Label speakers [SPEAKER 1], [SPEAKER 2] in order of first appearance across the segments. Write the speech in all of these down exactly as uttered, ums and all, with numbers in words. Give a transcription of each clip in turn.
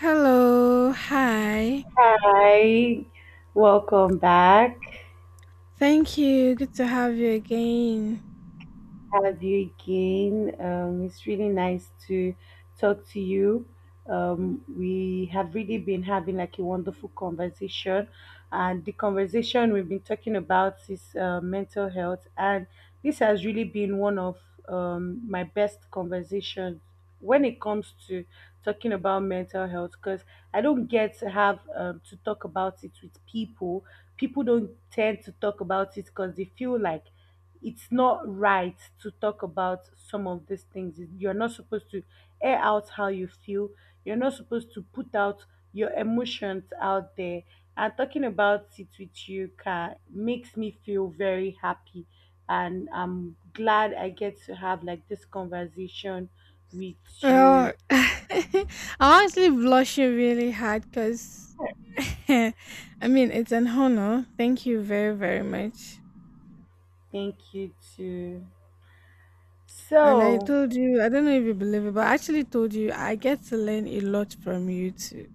[SPEAKER 1] Hello. Hi.
[SPEAKER 2] Hi, welcome back.
[SPEAKER 1] Thank you. Good to have you again.
[SPEAKER 2] Have you again. Um, it's really nice to talk to you. Um, we have really been having like a wonderful conversation, and the conversation we've been talking about is uh, mental health, and this has really been one of um, my best conversations when it comes to talking about mental health because I don't get to have um, to talk about it with people. People don't tend to talk about it because they feel like it's not right to talk about some of these things. You're not supposed to air out how you feel. You're not supposed to put out your emotions out there. And talking about it with you can makes me feel very happy, and I'm glad I get to have like this conversation with
[SPEAKER 1] Well,
[SPEAKER 2] you.
[SPEAKER 1] I'm honestly blushing really hard because, I mean, it's an honor. Thank you very, very much.
[SPEAKER 2] Thank you too.
[SPEAKER 1] And I
[SPEAKER 2] So
[SPEAKER 1] told you, I don't know if you believe it, but I actually told you I get to learn a lot from you too.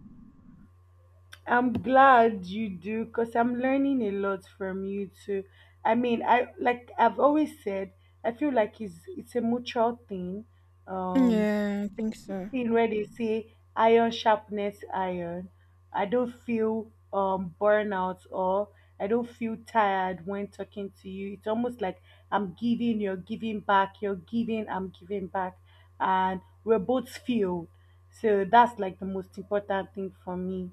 [SPEAKER 2] I'm glad you do because I'm learning a lot from you too. I mean, I like I've always said, I feel like it's it's a mutual thing. Um,
[SPEAKER 1] Yeah, I think so.
[SPEAKER 2] Thing where they say iron sharpness iron. I don't feel um burnout or I don't feel tired when talking to you. It's almost like I'm giving, you're giving back, you're giving, I'm giving back, and we're both filled. So that's like the most important thing for me.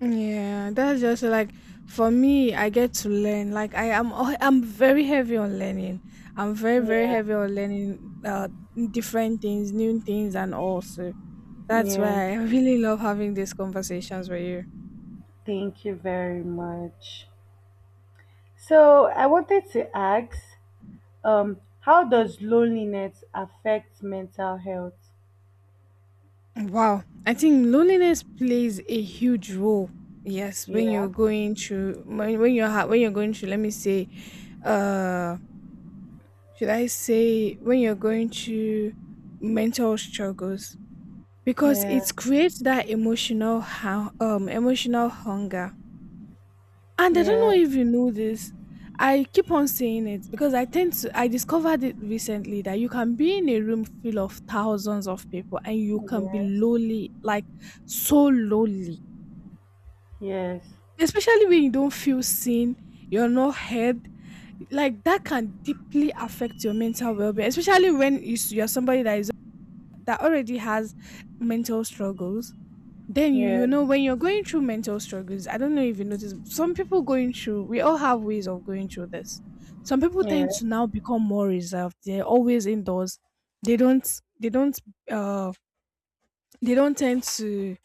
[SPEAKER 1] Yeah, that's just like for me, I get to learn. Like I am al- I'm very heavy on learning. I'm very, very
[SPEAKER 2] Yeah.
[SPEAKER 1] heavy on learning uh different things, new things, and also that's
[SPEAKER 2] Yeah,
[SPEAKER 1] why I really love having these conversations with you.
[SPEAKER 2] thank you very much. So, I wanted to ask, um, how does loneliness affect mental health?
[SPEAKER 1] Wow. I think loneliness plays a huge role. Yes, when
[SPEAKER 2] Yeah,
[SPEAKER 1] you're going through when, when you're ha- when you're going through, let me say, uh should I say, when you're going through mental struggles, because
[SPEAKER 2] yeah,
[SPEAKER 1] it creates that emotional hu- um emotional hunger. And I don't
[SPEAKER 2] yeah,
[SPEAKER 1] know if you know this. I keep on saying it because I tend to I discovered it recently that you can be in a room full of thousands of people and you can be
[SPEAKER 2] yeah,
[SPEAKER 1] lonely, like, so lonely,
[SPEAKER 2] yes,
[SPEAKER 1] especially when you don't feel seen, you're not heard. Like, that can deeply affect your mental well-being, especially when you s- you're somebody that is that already has mental struggles. then you you
[SPEAKER 2] yes,
[SPEAKER 1] know when you're going through mental struggles, I don't know if you notice, some people going through, we all have ways of going through this. Some people tend
[SPEAKER 2] yes,
[SPEAKER 1] to now become more reserved, they're always indoors. they don't they don't uh they don't tend to,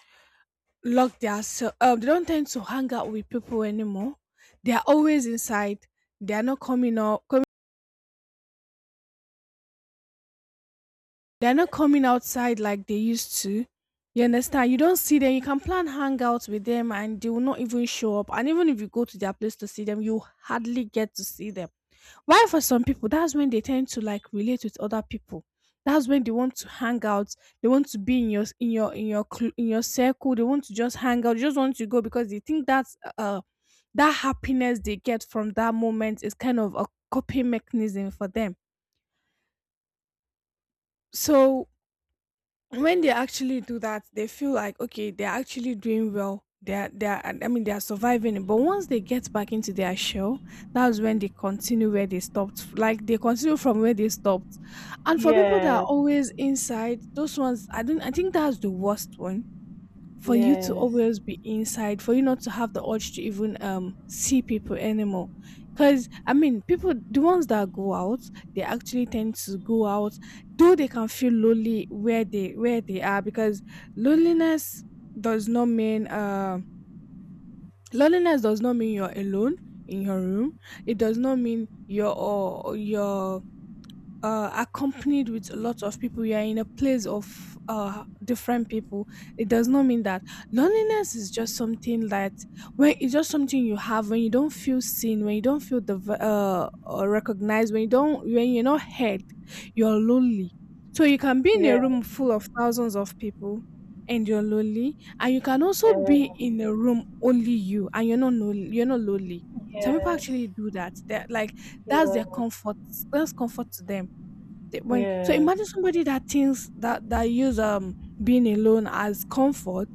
[SPEAKER 1] lock their se- um they don't tend to hang out with people anymore. They are always inside. they are not coming out coming They're not coming outside like they used to. You understand? You don't see them. You can plan hangouts with them and they will not even show up. And even if you go to their place to see them, you hardly get to see them. Why, for some people, that's when they tend to, like, relate with other people. That's when they want to hang out. They want to be in your in your in your cl- in your circle. They want to just hang out. They just want to go because they think that's, uh that happiness they get from that moment is kind of a coping mechanism for them. So when they actually do that, they feel like, okay, they're actually doing well. They're they're, I mean, they're surviving it. But once they get back into their shell, that's when they continue where they stopped. Like, they continue from where they stopped. And for people that are
[SPEAKER 2] yes,
[SPEAKER 1] always inside, those ones, I don't I think that's the worst one, for you to
[SPEAKER 2] yes,
[SPEAKER 1] always be inside, for you not to have the urge to even um see people anymore. 'Cause, I mean, people the ones that go out, they actually tend to go out, though they can feel lonely where they where they are, because loneliness does not mean uh loneliness does not mean you're alone in your room. It does not mean you're, or you're, uh, accompanied with a lot of people, you are in a place of, uh, different people. It does not mean that loneliness is just something that, when it's just something you have, when you don't feel seen, when you don't feel the uh, uh, recognized, when you don't when you're not heard, you're lonely. So you
[SPEAKER 2] yeah, yeah, yes, yes, yes,
[SPEAKER 1] can be in
[SPEAKER 2] yeah,
[SPEAKER 1] a
[SPEAKER 2] yes, yeah,
[SPEAKER 1] room full of thousands of people and you're lonely, and you can also
[SPEAKER 2] yeah,
[SPEAKER 1] be
[SPEAKER 2] yeah,
[SPEAKER 1] in a room, only you, and you're not lonely, you're not lonely. Some people actually do that. They're like, that's their comfort. That's comfort to them. Th- When so imagine somebody that thinks that that use, um being alone as comfort,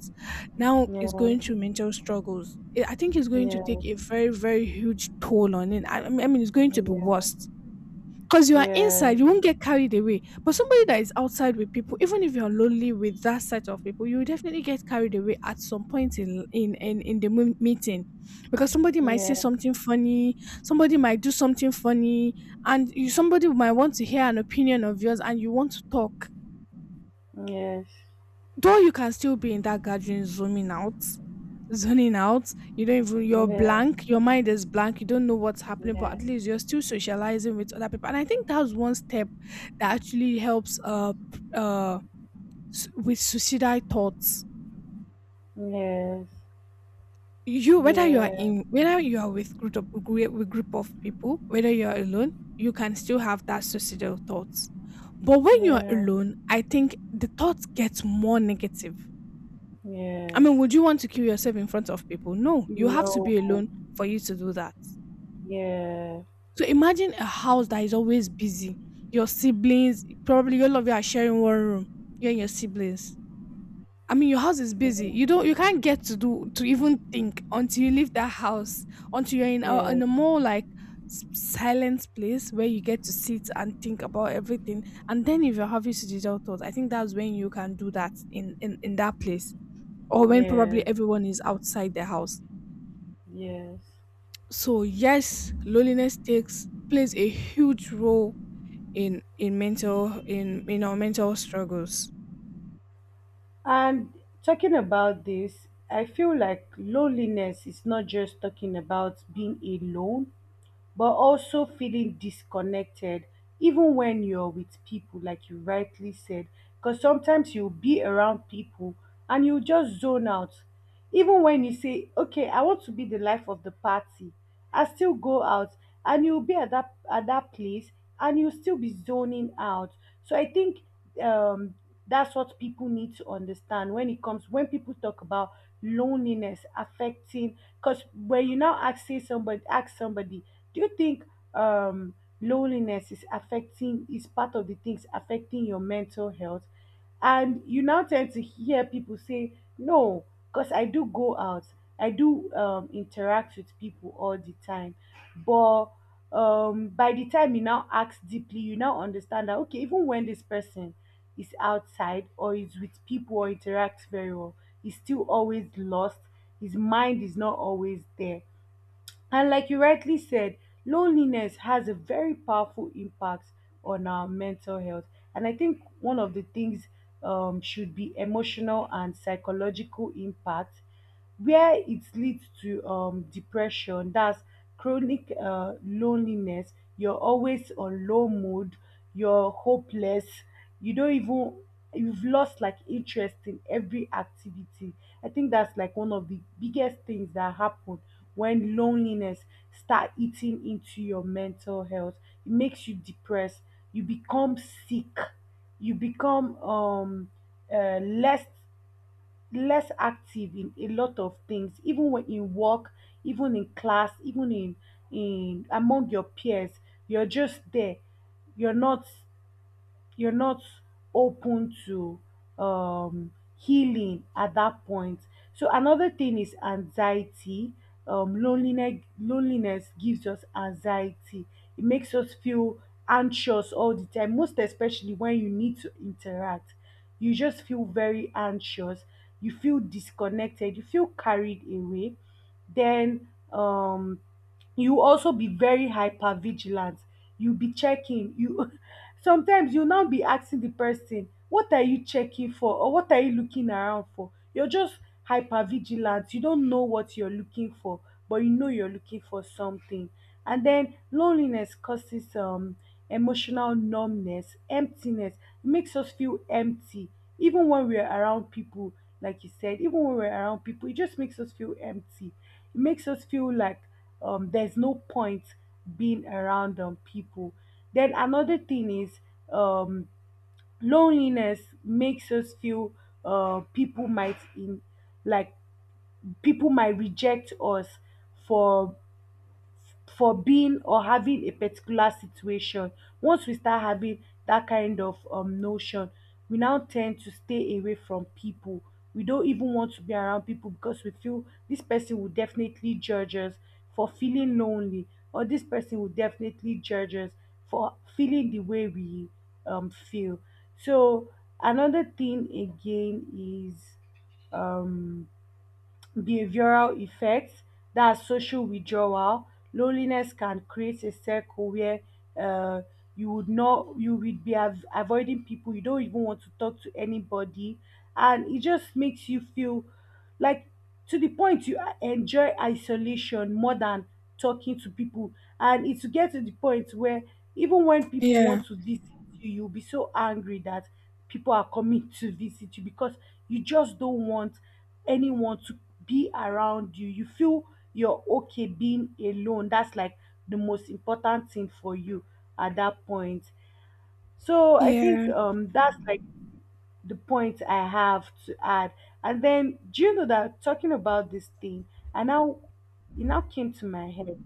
[SPEAKER 1] now is going through mental struggles. I I think it's going to take a very, very huge toll on it. I, I mean, it's going to be worse because you are inside, you won't get carried away, but somebody that is outside with people, even if you're lonely with that set of people, you will definitely get carried away at some point, in in in, in the mo- meeting, because somebody might say something funny, somebody might do something funny, and you somebody might want to hear an opinion of yours and you want to talk.
[SPEAKER 2] yes,
[SPEAKER 1] Though you can still be in that gathering, zooming out, zoning out, you don't even, you're
[SPEAKER 2] yeah,
[SPEAKER 1] blank, your mind is blank, you don't know what's happening, but
[SPEAKER 2] yeah,
[SPEAKER 1] at least you're still socializing with other people. And I think that's one step that actually helps, uh p- uh s- with suicidal thoughts.
[SPEAKER 2] yes,
[SPEAKER 1] You whether you are
[SPEAKER 2] yeah.
[SPEAKER 1] in whether you are with group of, gre- with group of people, whether you are alone, you can still have that suicidal thoughts. But when you're
[SPEAKER 2] Yeah,
[SPEAKER 1] alone, I think the thoughts get more negative. I
[SPEAKER 2] yes.
[SPEAKER 1] mean, would you want to kill yourself in front of people? No, you have to be
[SPEAKER 2] No,
[SPEAKER 1] alone for you to do that.
[SPEAKER 2] yeah,
[SPEAKER 1] So imagine a house that is always busy. Your siblings, probably all of you are sharing one room. You and your siblings. I mean, your house is busy. You don't, you can't get to do to even think until you leave that house. Until you're in a, in
[SPEAKER 2] yes,
[SPEAKER 1] a more like, s- silent place where you get to sit and think about everything. And then if you're having suicidal thoughts, I think that's when you can do that in in in that place, or when probably
[SPEAKER 2] yes,
[SPEAKER 1] everyone is outside the house.
[SPEAKER 2] yes.
[SPEAKER 1] So yes, loneliness takes plays a huge role in in mental in in our mental struggles.
[SPEAKER 2] And talking about this, I feel like loneliness is not just talking about being alone, but also feeling disconnected even when you're with people, like you rightly said, because sometimes you'll be around people and you just zone out. Even when you say okay, I want to be the life of the party, I still go out, and you'll be at that at that place, and you'll still be zoning out. So I think um that's what people need to understand when it comes when people talk about loneliness affecting. Because when you now ask say somebody ask somebody, do you think um, loneliness is affecting, is part of the things affecting your mental health? And you now tend to hear people say, no, because I do go out, I do um, interact with people all the time. But um, by the time you now ask deeply, you now understand that, okay, even when this person is outside or is with people or interacts very well, he's still always lost. His mind is not always there. And like you rightly said, loneliness has a very powerful impact on our mental health. And I think one of the things um, should be emotional and psychological impact, where it leads to um, depression, that's chronic uh, loneliness. You're always on low mood, you're hopeless, you don't even, you've lost like interest in every activity. I think that's like one of the biggest things that happen when loneliness start eating into your mental health. It makes you depressed, you become sick, you become um uh, less less active in a lot of things, even when in work, even in class, even in in among your peers. You're just there, you're not you're not open to um healing at that point. So another thing is anxiety. Um, loneliness loneliness gives us anxiety. It makes us feel anxious all the time, most especially when you need to interact. You just feel very anxious. You feel disconnected. You feel carried away. Then um, you also be very hyper vigilant. You be checking. You sometimes you now be asking the person, what are you checking for, or what are you looking around for? You're just hyper vigilant, you don't know what you're looking for, but you know you're looking for something. And then loneliness causes um emotional numbness, emptiness. It makes us feel empty even when we're around people. Like you said, even when we're around people, it just makes us feel empty. It makes us feel like um, there's no point being around um, people. Then another thing is um, loneliness makes us feel uh, people might in like people might reject us for for being or having a particular situation. Once we start having that kind of um, notion, we now tend to stay away from people. We don't even want to be around people because we feel this person will definitely judge us for feeling lonely, or this person will definitely judge us for feeling the way we um, feel. So, another thing again is um, behavioral effects, that's social withdrawal. Loneliness can create a circle where uh, you would not, you would be av- avoiding people. You don't even want to talk to anybody, and it just makes you feel like to the point you a- enjoy isolation more than talking to people. And it will get to the point where even when people
[SPEAKER 1] Yeah.
[SPEAKER 2] want to visit you, you'll be so angry that people are coming to visit you because you just don't want anyone to be around you. You feel you're okay being alone. That's like the most important thing for you at that point. So I
[SPEAKER 1] Yeah.
[SPEAKER 2] think um that's like the point I have to add. And then, do you know that talking about this thing, I now it now came to my head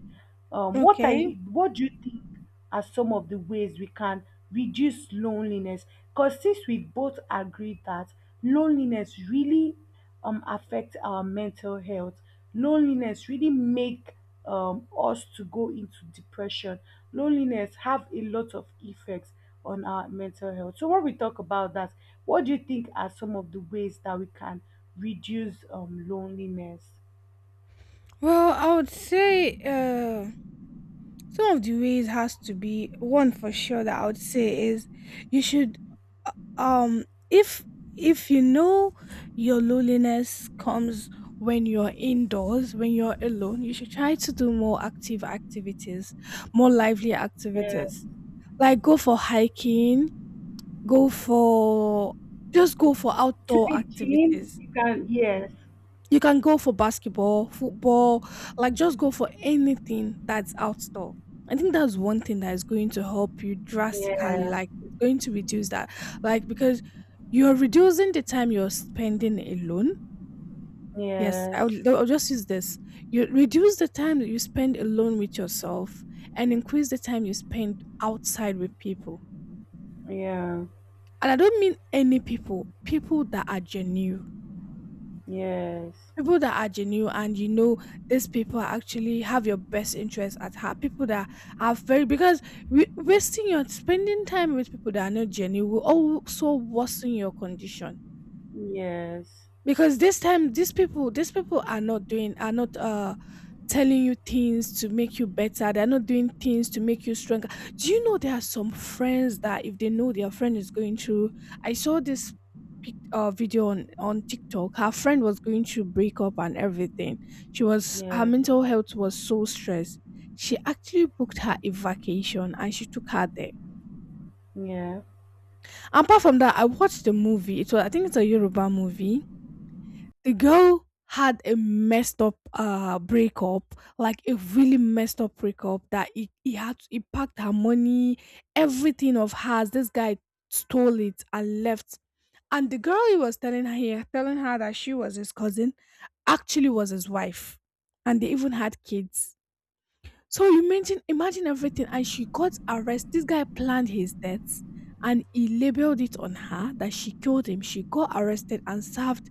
[SPEAKER 2] um, what
[SPEAKER 1] Okay.
[SPEAKER 2] I what do you think are some of the ways we can reduce loneliness? Because since we both agree that loneliness really um affects our mental health, loneliness really make um us to go into depression. Loneliness have a lot of effects on our mental health. So when we talk about that, what do you think are some of the ways that we can reduce um loneliness?
[SPEAKER 1] Well, I would say, uh some of the ways has to be one, for sure, that I would say is, you should, uh, um if if you know your loneliness comes when you're indoors, when you're alone. You should try to do more active activities, more lively
[SPEAKER 2] Yeah.
[SPEAKER 1] activities. Like, go for hiking, go for just go for
[SPEAKER 2] To
[SPEAKER 1] outdoor
[SPEAKER 2] be Jean,
[SPEAKER 1] activities.
[SPEAKER 2] you can, yes.
[SPEAKER 1] You can go for basketball, football, like, just go for anything that's outdoor. I think that's one thing that is going to help you drastically,
[SPEAKER 2] Yeah.
[SPEAKER 1] like, it's going to reduce that. Like, because you're reducing the time you're spending alone. Yes,
[SPEAKER 2] Yes.
[SPEAKER 1] I'll, I'll just use this. You reduce the time that you spend alone with yourself and increase the time you spend outside with people.
[SPEAKER 2] Yeah.
[SPEAKER 1] And I don't mean any people, people that are genuine.
[SPEAKER 2] Yes.
[SPEAKER 1] People that are genuine, and you know these people are actually have your best interest at heart. People that are very because we, wasting your spending time with people that are not genuine will also worsen your condition,
[SPEAKER 2] Yes.
[SPEAKER 1] because this time these people these people are not doing are not uh telling you things to make you better. They're not doing things to make you stronger. Do you know there are some friends that if they know their friend is going through, I saw this pic- uh, video on on TikTok. Her friend was going through breakup and everything. She was her
[SPEAKER 2] Yeah.
[SPEAKER 1] mental health was so stressed. She actually booked her a vacation and she took her there.
[SPEAKER 2] Yeah.
[SPEAKER 1] Apart from that, I watched the movie. It was I think it's a Yoruba movie. The girl had a messed up, uh breakup, like a really messed up breakup, that he, he had he packed her money, everything of hers. This guy stole it and left. And the girl he was telling her here telling her that she was his cousin, actually was his wife, and they even had kids. So, you mention imagine everything. And she got arrested. This guy planned his death and he labeled it on her that she killed him. She got arrested and served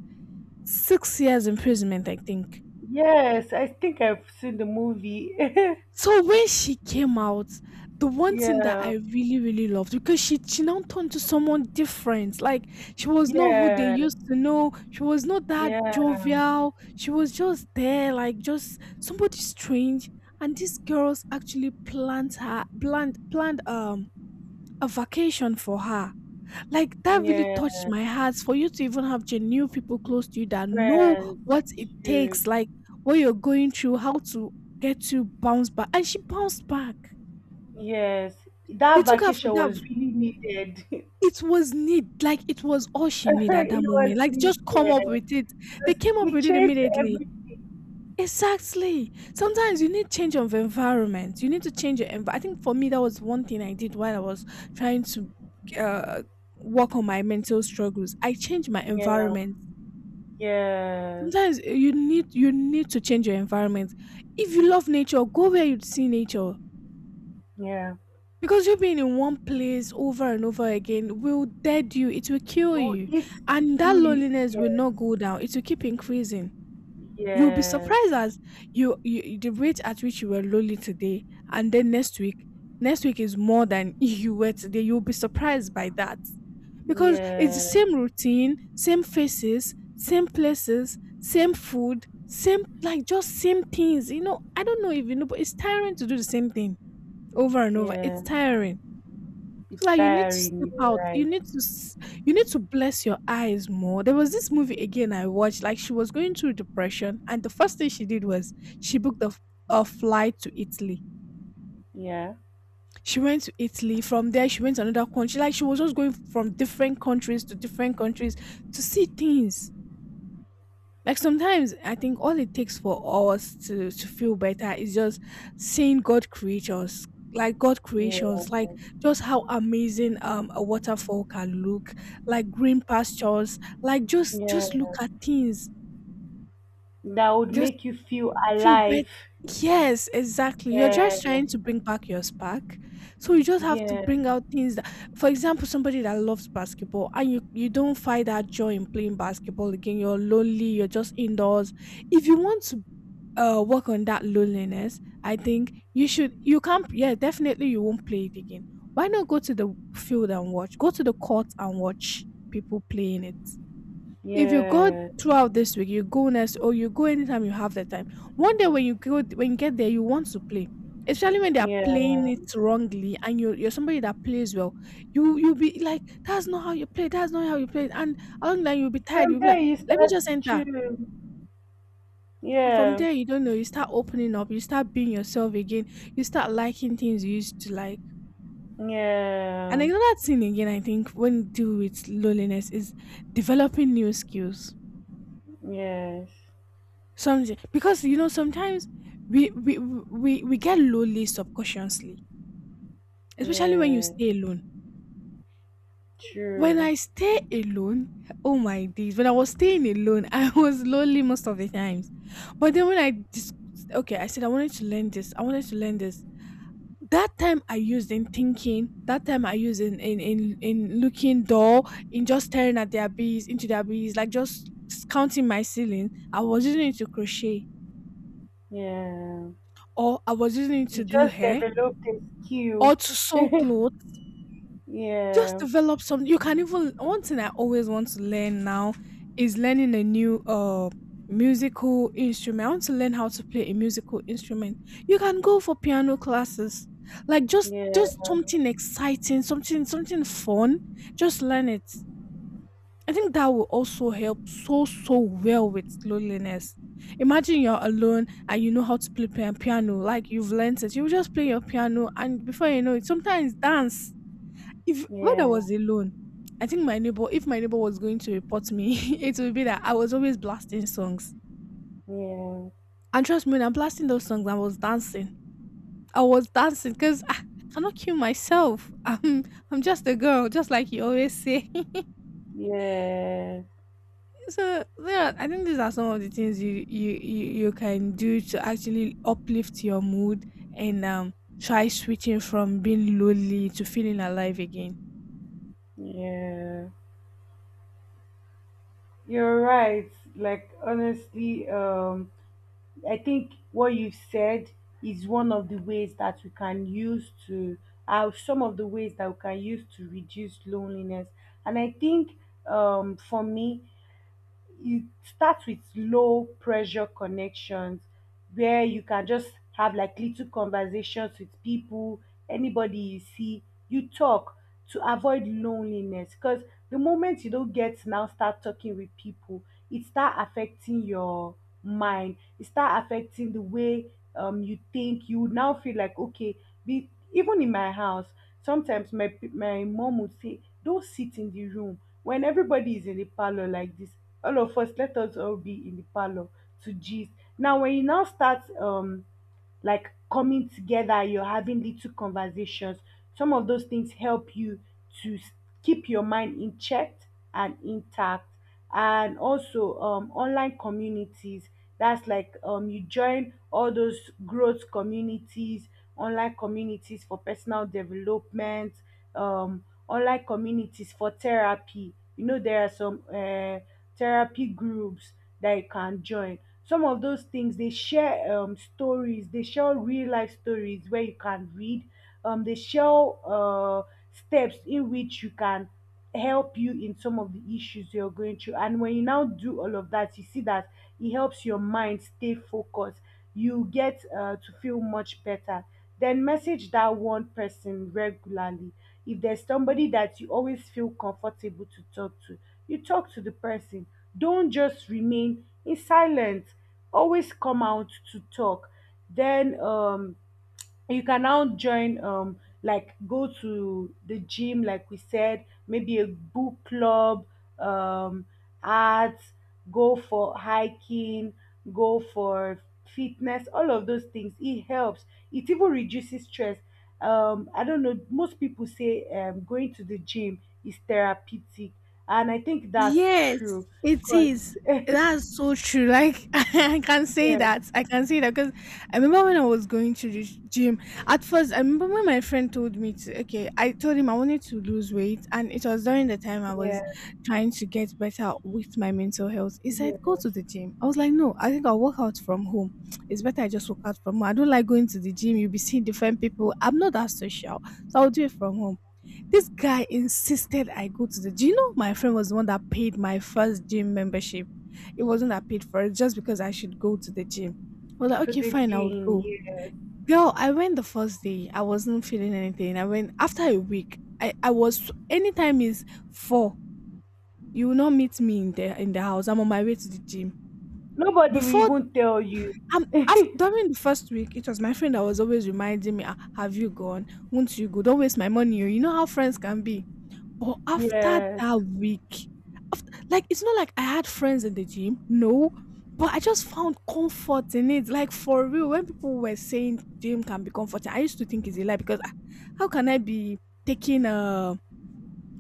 [SPEAKER 1] six years imprisonment, I think.
[SPEAKER 2] Yes. I think I've seen the movie.
[SPEAKER 1] So when she came out, the one thing that I
[SPEAKER 2] Yeah.
[SPEAKER 1] really, really loved, because she she now turned to someone different. Like, she was not who they
[SPEAKER 2] Yeah.
[SPEAKER 1] used to know. She was not that
[SPEAKER 2] Yeah.
[SPEAKER 1] jovial. She was just there, like, just somebody strange. And these girls actually planned her planned planned um a vacation for her. Like, that really
[SPEAKER 2] Yeah.
[SPEAKER 1] touched my heart, for you to even have genuine people close to you that know
[SPEAKER 2] Friends.
[SPEAKER 1] what it
[SPEAKER 2] True.
[SPEAKER 1] takes, like, what you're going through, how to get you bounce back. And she bounced back.
[SPEAKER 2] Yes.
[SPEAKER 1] They
[SPEAKER 2] That
[SPEAKER 1] took her for
[SPEAKER 2] vacation
[SPEAKER 1] that.
[SPEAKER 2] was really needed.
[SPEAKER 1] It was need, like it was all she needed at that
[SPEAKER 2] It
[SPEAKER 1] moment.
[SPEAKER 2] was
[SPEAKER 1] Like, they just
[SPEAKER 2] needed
[SPEAKER 1] come up with it. They
[SPEAKER 2] because
[SPEAKER 1] came up
[SPEAKER 2] it
[SPEAKER 1] with it
[SPEAKER 2] changed
[SPEAKER 1] immediately.
[SPEAKER 2] everything.
[SPEAKER 1] Exactly. Sometimes you need change of environment. You need to change your environment. I think for me, that was one thing I did while I was trying to, uh, work on my mental struggles. I changed my
[SPEAKER 2] Yeah.
[SPEAKER 1] environment.
[SPEAKER 2] Yes.
[SPEAKER 1] Sometimes, eh, you need you need to change your environment. If you love nature, go where you'd see nature.
[SPEAKER 2] Yeah.
[SPEAKER 1] Because you being in one place over and over again will dead you. It will kill
[SPEAKER 2] You
[SPEAKER 1] you.
[SPEAKER 2] eat
[SPEAKER 1] And that
[SPEAKER 2] into it.
[SPEAKER 1] loneliness will
[SPEAKER 2] Yes.
[SPEAKER 1] not go down. It will keep increasing. You'll be
[SPEAKER 2] Yes.
[SPEAKER 1] surprised as you, you the rate at which you were lonely today, and then next week, next week is more than you were today. You'll be surprised by that because it's the
[SPEAKER 2] Yeah,
[SPEAKER 1] same routine, same faces, same places, same food, same like just same things. You know, I don't know if you know, but it's tiring to do the same thing over and over. It's
[SPEAKER 2] yeah,
[SPEAKER 1] tiring. So
[SPEAKER 2] it's
[SPEAKER 1] like you need to step
[SPEAKER 2] tiring, you're
[SPEAKER 1] out. You
[SPEAKER 2] right.
[SPEAKER 1] need to s- you need to bless your eyes more. There was this movie again I watched. Like she was going through depression, and the first thing she did was she booked a, f- a flight to Italy.
[SPEAKER 2] Yeah,
[SPEAKER 1] She went to Italy. From there, she went to another country. Like she was just going from different countries to different countries to see things. Like sometimes I think all it takes for us to to feel better is just seeing God creatures, like God
[SPEAKER 2] yeah,
[SPEAKER 1] creations, like just how amazing um a waterfall can look, like green pastures, like just just look
[SPEAKER 2] yeah.
[SPEAKER 1] at things,
[SPEAKER 2] That would
[SPEAKER 1] just
[SPEAKER 2] make you feel
[SPEAKER 1] feel better.
[SPEAKER 2] alive.
[SPEAKER 1] Yes, exactly. You're just
[SPEAKER 2] Yeah,
[SPEAKER 1] trying to bring back your spark. So you just have to
[SPEAKER 2] yeah,
[SPEAKER 1] bring out things that, for example, somebody that loves basketball and you, you don't find that joy in playing basketball again. You're lonely, you're just indoors. If you want to uh work on that loneliness, I think you should, you can't, yeah, definitely you won't play it again. Why not go to the field and watch, go to the court and watch people playing it? If you go
[SPEAKER 2] yeah,
[SPEAKER 1] throughout this week, you go next, or you go anytime you have the time, one day when you go, when you get there, you want to play, especially when they are playing
[SPEAKER 2] yeah.
[SPEAKER 1] it wrongly and you're, you're somebody that plays well. You you'll be like, that's not how you play, that's not how you play. And along the line, you'll be tired,
[SPEAKER 2] From
[SPEAKER 1] you'll be
[SPEAKER 2] there,
[SPEAKER 1] like,
[SPEAKER 2] you
[SPEAKER 1] let me
[SPEAKER 2] start,
[SPEAKER 1] just enter.
[SPEAKER 2] true.
[SPEAKER 1] And from
[SPEAKER 2] Yeah,
[SPEAKER 1] there, you don't know, you start opening up, you start being yourself again, you start liking things you used to like. And
[SPEAKER 2] yeah,
[SPEAKER 1] another thing again, I think when you deal with loneliness is developing new skills.
[SPEAKER 2] yes,
[SPEAKER 1] Something, because you know sometimes we we we, we get lonely subconsciously, especially when you
[SPEAKER 2] yeah,
[SPEAKER 1] stay alone. When
[SPEAKER 2] true.
[SPEAKER 1] I stay alone, oh my days! When I was staying alone, I was lonely most of the times. But then when I just, okay, I said I wanted to learn this, I wanted to learn this, that time I used in thinking, that time I used in in in, in looking dull, in just staring at their bees, into their bees, like just s- counting my ceiling. I was using it to crochet,
[SPEAKER 2] Yeah,
[SPEAKER 1] or I was using it
[SPEAKER 2] you
[SPEAKER 1] to do
[SPEAKER 2] just
[SPEAKER 1] hair,
[SPEAKER 2] developed a
[SPEAKER 1] or
[SPEAKER 2] skill.
[SPEAKER 1] to
[SPEAKER 2] Yeah,
[SPEAKER 1] sew clothes. Just develop some, you can even, one thing I always want to learn now is learning a new uh musical instrument. I want to learn how to play a musical instrument. You can go for piano classes. Like just
[SPEAKER 2] yeah,
[SPEAKER 1] just something exciting, something something fun. Just learn it. I think that will also help so so well with loneliness. Imagine you're alone and you know how to play pia- piano, like you've learned it. You just play your piano, and before you know it, sometimes dance. If when I
[SPEAKER 2] yeah,
[SPEAKER 1] was alone, I think my neighbor, if my neighbor was going to report me, it would be that I was always blasting songs.
[SPEAKER 2] yeah,
[SPEAKER 1] And trust me, when I'm blasting those songs, I was dancing. I was dancing because I, I cannot kill myself. I'm, I'm just a girl, just like you always say.
[SPEAKER 2] yeah,
[SPEAKER 1] So yeah, I think these are some of the things you you you, you can do to actually uplift your mood and um try switching from being lonely to feeling alive again.
[SPEAKER 2] yeah. You're right. Like honestly, um, I think what you said is one of the ways that we can use to uh, some of the ways that we can use to reduce loneliness. And I think um, for me, it starts with low pressure connections where you can just have like little conversations with people, anybody you see, you talk to avoid loneliness. Because the moment you don't get now start talking with people, it start affecting your mind. It start affecting the way um you think. You would now feel like okay, be even in my house, sometimes my my mom would say, don't sit in the room. When everybody is in the parlor like this, all of us, let us all be in the parlour to gist. Now when you now start um like coming together, you're having little conversations. Some of those things help you to s- keep your mind in check and intact. And also, um, online communities, that's like um, you join all those growth communities, online communities for personal development, um, online communities for therapy. You know, there are some uh, therapy groups that you can join. Some of those things, they share um, stories, they share real life stories where you can read, um, they share uh, steps in which you can help you in some of the issues you're going through. And when you now do all of that, you see that it helps your mind stay focused, you get uh, to feel much better. Then message that one person regularly. If there's somebody that you always feel comfortable to talk to, you talk to the person, don't just remain in silence. Always come out to talk. Then um you can now join um like go to the gym like we said, maybe a book club, um art, go for hiking, go for fitness. All of those things, it helps, it even reduces stress. um I don't know, most people say um going to the gym is therapeutic, and I think that's
[SPEAKER 1] Yes,
[SPEAKER 2] true
[SPEAKER 1] it is.
[SPEAKER 2] because
[SPEAKER 1] That's so true. Like I can say
[SPEAKER 2] yeah,
[SPEAKER 1] that. I can say that because I remember when I was going to the gym. At first, I remember when my friend told me to. Okay, I told him I wanted to lose weight, and it was during the time I was
[SPEAKER 2] yeah,
[SPEAKER 1] trying to get better with my mental health. He said, "Go
[SPEAKER 2] yes,
[SPEAKER 1] to the gym." I was like, "No, I think I'll work out from home. It's better I just work out from home. I don't like going to the gym. You'll be seeing different people. I'm not that social, so I'll do it from home." This guy insisted I go to the, do you know my friend was the one that paid my first gym membership? It wasn't that paid for it just because I should go to the gym. I was like,
[SPEAKER 2] to
[SPEAKER 1] okay,
[SPEAKER 2] the
[SPEAKER 1] fine, I would
[SPEAKER 2] gym,
[SPEAKER 1] go.
[SPEAKER 2] yes,
[SPEAKER 1] Girl, I went the first day. I wasn't feeling anything. I went after a week. I, I was anytime is four. You will not meet me in the in the house. I'm on my way to the gym.
[SPEAKER 2] nobody will
[SPEAKER 1] Before,
[SPEAKER 2] even tell you.
[SPEAKER 1] um after, during the first week, it was my friend that was always reminding me, "Ah, have you gone? Won't you go? Don't waste my money, oh." You know how friends can be. But after
[SPEAKER 2] Yes,
[SPEAKER 1] that week, after, like it's not like I had friends in the gym, no, but I just found comfort in it. Like for real, when people were saying gym can be comforting, I used to think it's a lie because I, how can I be taking a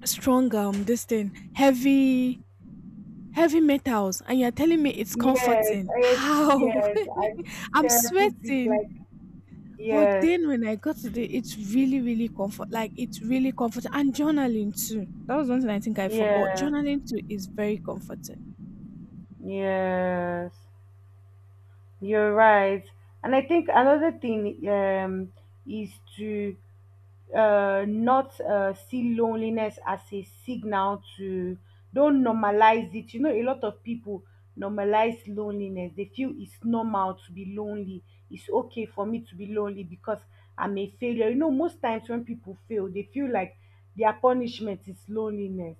[SPEAKER 1] strong um this thing, heavy heavy metals, and you're telling me it's
[SPEAKER 2] yes,
[SPEAKER 1] comforting?
[SPEAKER 2] I,
[SPEAKER 1] How?
[SPEAKER 2] yes, I
[SPEAKER 1] I'm
[SPEAKER 2] therapeutic
[SPEAKER 1] sweating.
[SPEAKER 2] like,
[SPEAKER 1] But
[SPEAKER 2] yeah,
[SPEAKER 1] then when I got to the, it's really, really comfort. Like it's really comforting, and journaling too. That was one thing I think I forgot.
[SPEAKER 2] yeah,
[SPEAKER 1] Journaling too is very comforting.
[SPEAKER 2] yes. You're right. And I think another thing um, is to uh, not uh, see loneliness as a signal to, don't normalize it. You know, a lot of people normalize loneliness. They feel it's normal to be lonely. It's okay for me to be lonely because I'm a failure. You know, most times when people fail, they feel like their punishment is loneliness.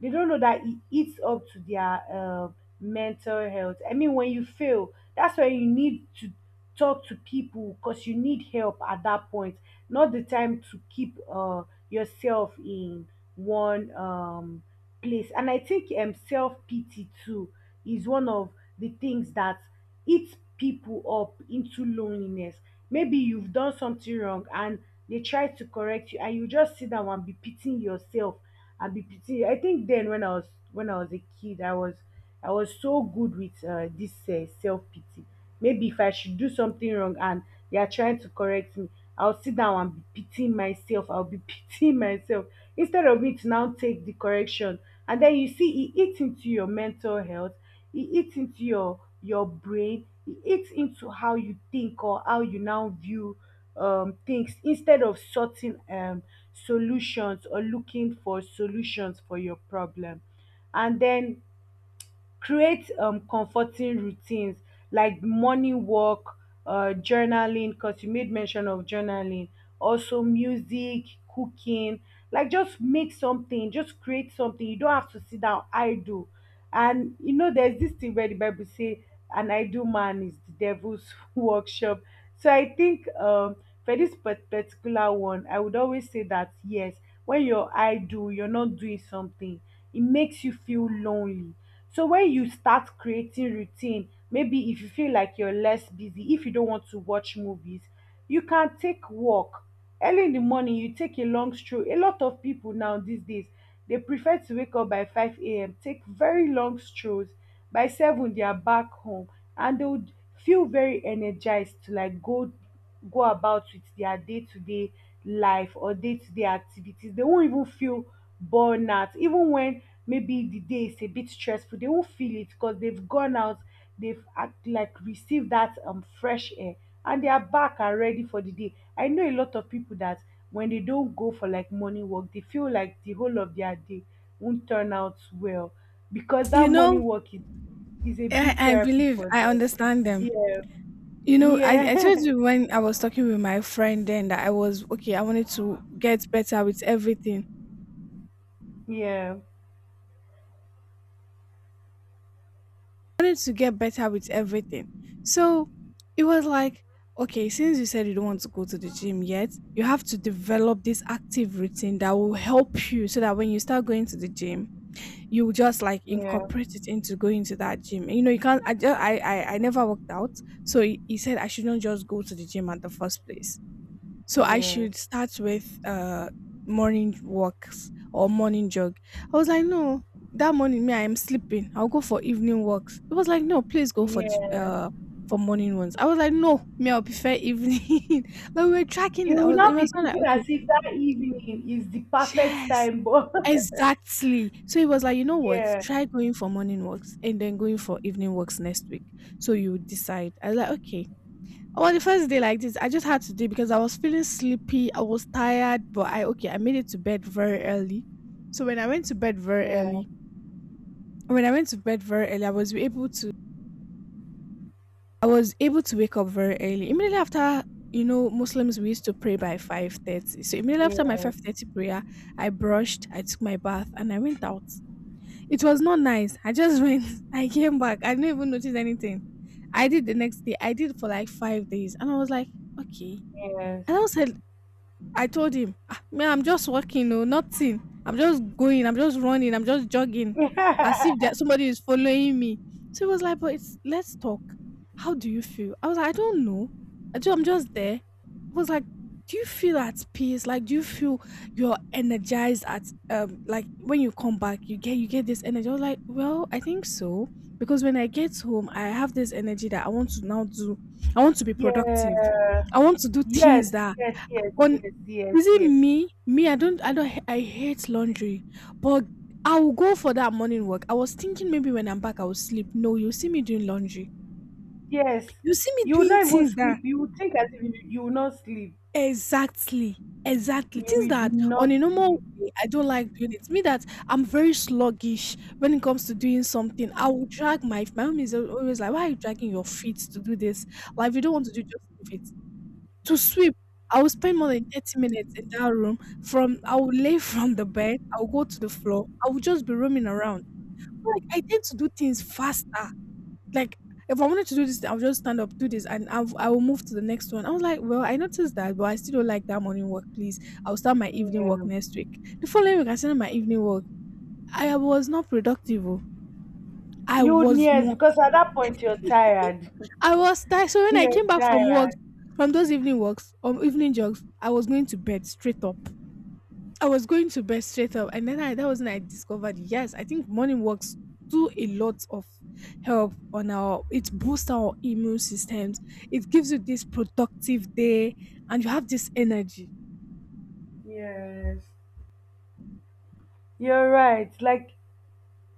[SPEAKER 2] They don't know that it eats up to their uh, mental health. I mean, when you fail, that's where you need to talk to people because you need help at that point. Not the time to keep uh, yourself in one um, place. And I think um, self pity too is one of the things that eats people up into loneliness. Maybe you've done something wrong and they try to correct you, and you just sit down and be pitying yourself and be pitying. I think then when I was when I was a kid, I was I was so good with uh, this uh, self pity. Maybe if I should do something wrong and they are trying to correct me, I'll sit down and be pitying myself. I'll be pitying myself instead of me to now take the correction. And then you see, it eats into your mental health, it eats into your your brain, it eats into how you think or how you now view um, things instead of sorting um, solutions or looking for solutions for your problem. And then create um comforting routines like morning walk, uh, journaling, because you made mention of journaling, also music, cooking. Like, just make something, just create something. You don't have to sit down idle, and you know, there's this thing where the Bible say an idle man is the devil's workshop. So I think um, for this part- particular one, I would always say that yes, when you're idle, you're not doing something, it makes you feel lonely. So when you start creating routine, maybe if you feel like you're less busy, if you don't want to watch movies, you can take walk early in the morning, you take a long stroll. A lot of people now these days, they prefer to wake up by five a.m., take very long strolls. By seven, they are back home, and they would feel very energized to like go go about with their day-to-day life or day-to-day activities. They won't even feel burnout even when maybe the day is a bit stressful. They won't feel it because they've gone out, they've act like received that um fresh air, and they are back and ready for the day. I know a lot of people that when they don't go for like morning work, they feel like the whole of their day won't turn out well because that
[SPEAKER 1] You know,
[SPEAKER 2] morning work is, is a
[SPEAKER 1] I,
[SPEAKER 2] big
[SPEAKER 1] I
[SPEAKER 2] therapy
[SPEAKER 1] believe
[SPEAKER 2] for
[SPEAKER 1] I
[SPEAKER 2] them.
[SPEAKER 1] understand them.
[SPEAKER 2] Yeah,
[SPEAKER 1] You know, I, I told
[SPEAKER 2] yeah,
[SPEAKER 1] you when I was talking with my friend then that I was okay. I wanted to get better with everything.
[SPEAKER 2] yeah,
[SPEAKER 1] I wanted to get better with everything. So it was like, okay, since you said you don't want to go to the gym yet, you have to develop this active routine that will help you so that when you start going to the gym, you just like
[SPEAKER 2] yeah,
[SPEAKER 1] incorporate it into going to that gym. And, you know, you can't. I just, I, I I never worked out, so he, he said I shouldn't just go to the gym at the first place. So I
[SPEAKER 2] yes.
[SPEAKER 1] should start with uh morning walks or morning jog. I was like, no, that morning me I am sleeping. I'll go for evening walks. It was like, no, please go for j-
[SPEAKER 2] Yeah,
[SPEAKER 1] uh for morning ones. I was like, no, me I'll prefer evening. Like we were tracking it.
[SPEAKER 2] you
[SPEAKER 1] I
[SPEAKER 2] will
[SPEAKER 1] was. It
[SPEAKER 2] not be
[SPEAKER 1] was not like
[SPEAKER 2] thinking as
[SPEAKER 1] okay,
[SPEAKER 2] if that evening is the perfect
[SPEAKER 1] yes.
[SPEAKER 2] time, but
[SPEAKER 1] Exactly. So he was like, you know what?
[SPEAKER 2] yeah,
[SPEAKER 1] Try going for morning walks and then going for evening walks next week. So you decide. I was like, okay. Well, the first day like this, I just had to do it because I was feeling sleepy. I was tired, but I okay, I made it to bed very early. So when I went to bed very
[SPEAKER 2] yeah,
[SPEAKER 1] early, when I went to bed very early, I was able to, I was able to wake up very early. Immediately after, you know, Muslims we used to pray by five thirty. So immediately after my
[SPEAKER 2] yeah,
[SPEAKER 1] five thirty prayer, I brushed, I took my bath, and I went out. It was not nice. I just went. I came back. I didn't even notice anything. I did the next day. I did for like five days, and I was like, okay.
[SPEAKER 2] yes,
[SPEAKER 1] And I was like. I told him, "Ah, man, I'm just walking, oh, nothing. I'm just going, I'm just running, I'm just jogging, as if that somebody is following me. So he was like, but it's, let's talk. How do you feel? I was like, I don't know. I ju- I'm just there. He was like, do you feel at peace? Like, do you feel you're energized at um like when you come back, you get you get this energy. I was like, well, I think so. Because when I get home, I have this energy that I want to now do. I want to be productive.
[SPEAKER 2] yeah.
[SPEAKER 1] I want to do
[SPEAKER 2] Yes,
[SPEAKER 1] things that
[SPEAKER 2] yes, yes,
[SPEAKER 1] on,
[SPEAKER 2] yes, yes,
[SPEAKER 1] is it
[SPEAKER 2] yes,
[SPEAKER 1] me? Me, I don't, I don't, h- I hate laundry, but I will go for that morning work. I was thinking maybe when I'm back, I will sleep. No, you see me doing laundry.
[SPEAKER 2] yes.
[SPEAKER 1] You see me
[SPEAKER 2] You will
[SPEAKER 1] doing
[SPEAKER 2] not even
[SPEAKER 1] things that,
[SPEAKER 2] sleep. You will think as if you, you will not sleep.
[SPEAKER 1] exactly, exactly,
[SPEAKER 2] You
[SPEAKER 1] things
[SPEAKER 2] will
[SPEAKER 1] that on
[SPEAKER 2] not
[SPEAKER 1] a normal
[SPEAKER 2] sleep.
[SPEAKER 1] way I don't like doing. It's me that I'm very sluggish when it comes to doing something. I will drag my, my mom is al- always like, why are you dragging your feet to do this? Like, if you don't want to do, just leave it. To sweep, I will spend more than thirty minutes in that room. From I will lay from the bed, I'll go to the floor, I will just be roaming around. Like I tend to do things faster. Like if I wanted to do this, I'll just stand up, do this, and I'll, I will move to the next one. I was like, well, I noticed that, but I still don't like that morning work. Please, I'll start my evening work
[SPEAKER 2] Yeah.
[SPEAKER 1] next week. The following week, I started my evening work. I was not productive, oh. I
[SPEAKER 2] You would,
[SPEAKER 1] was
[SPEAKER 2] yes,
[SPEAKER 1] not.
[SPEAKER 2] because at that point you're tired.
[SPEAKER 1] I was tired. So when I
[SPEAKER 2] You're
[SPEAKER 1] came back from work,
[SPEAKER 2] tired.
[SPEAKER 1] from those evening walks, um, evening jogs, I was going to bed straight up. I was going to bed straight up, and then I, that was when I discovered, yes, I think morning walks do a lot of help on our, it boosts our immune systems. It gives you this productive day, and you have this energy.
[SPEAKER 2] Yes. You're right. Like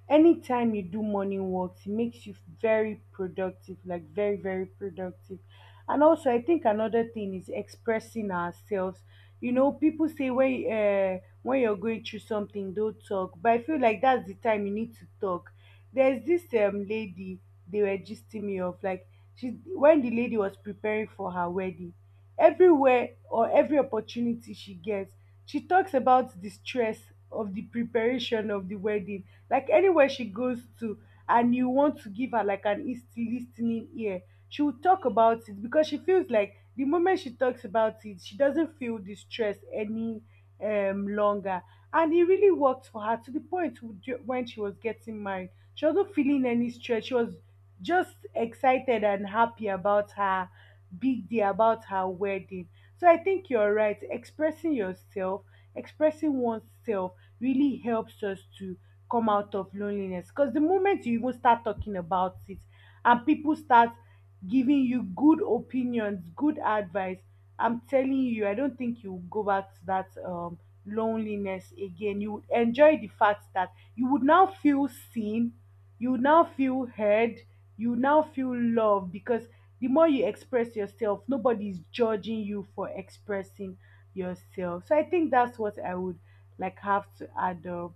[SPEAKER 2] anytime you do morning walks, it makes you very productive, like very, very productive. And also I think another thing is expressing ourselves. You know, people say when uh, when you're going through something don't talk, but I feel like that's the time you need to talk. There's this um lady, they were gisting me of, like, she, when the lady was preparing for her wedding, everywhere or every opportunity she gets, she talks about the stress of the preparation of the wedding. Like anywhere she goes to, and you want to give her like an east listening ear, she will talk about it because she feels like the moment she talks about it, she doesn't feel the stress any um longer. And it really worked for her to the point w- when she was getting married. She wasn't feeling any stress. She was just excited and happy about her big day, about her wedding. So I think you're right. Expressing yourself, expressing oneself really helps us to come out of loneliness. Because the moment you even start talking about it and people start giving you good opinions, good advice, I'm telling you, I don't think you will go back to that um, loneliness again. You would enjoy the fact that you would now feel seen, you would now feel heard, you would now feel loved, because the more you express yourself, nobody's judging you for expressing yourself. So I think that's what I would like have to add up.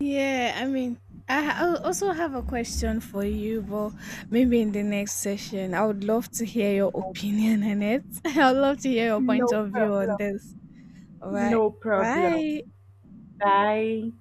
[SPEAKER 1] Yeah, I mean, I ha- I'll also have a question for you, but maybe in the next session. I would love to hear your opinion on it. I'd love to hear your point
[SPEAKER 2] No
[SPEAKER 1] of view on
[SPEAKER 2] problem.
[SPEAKER 1] this. All right.
[SPEAKER 2] No problem.
[SPEAKER 1] Bye.
[SPEAKER 2] Bye.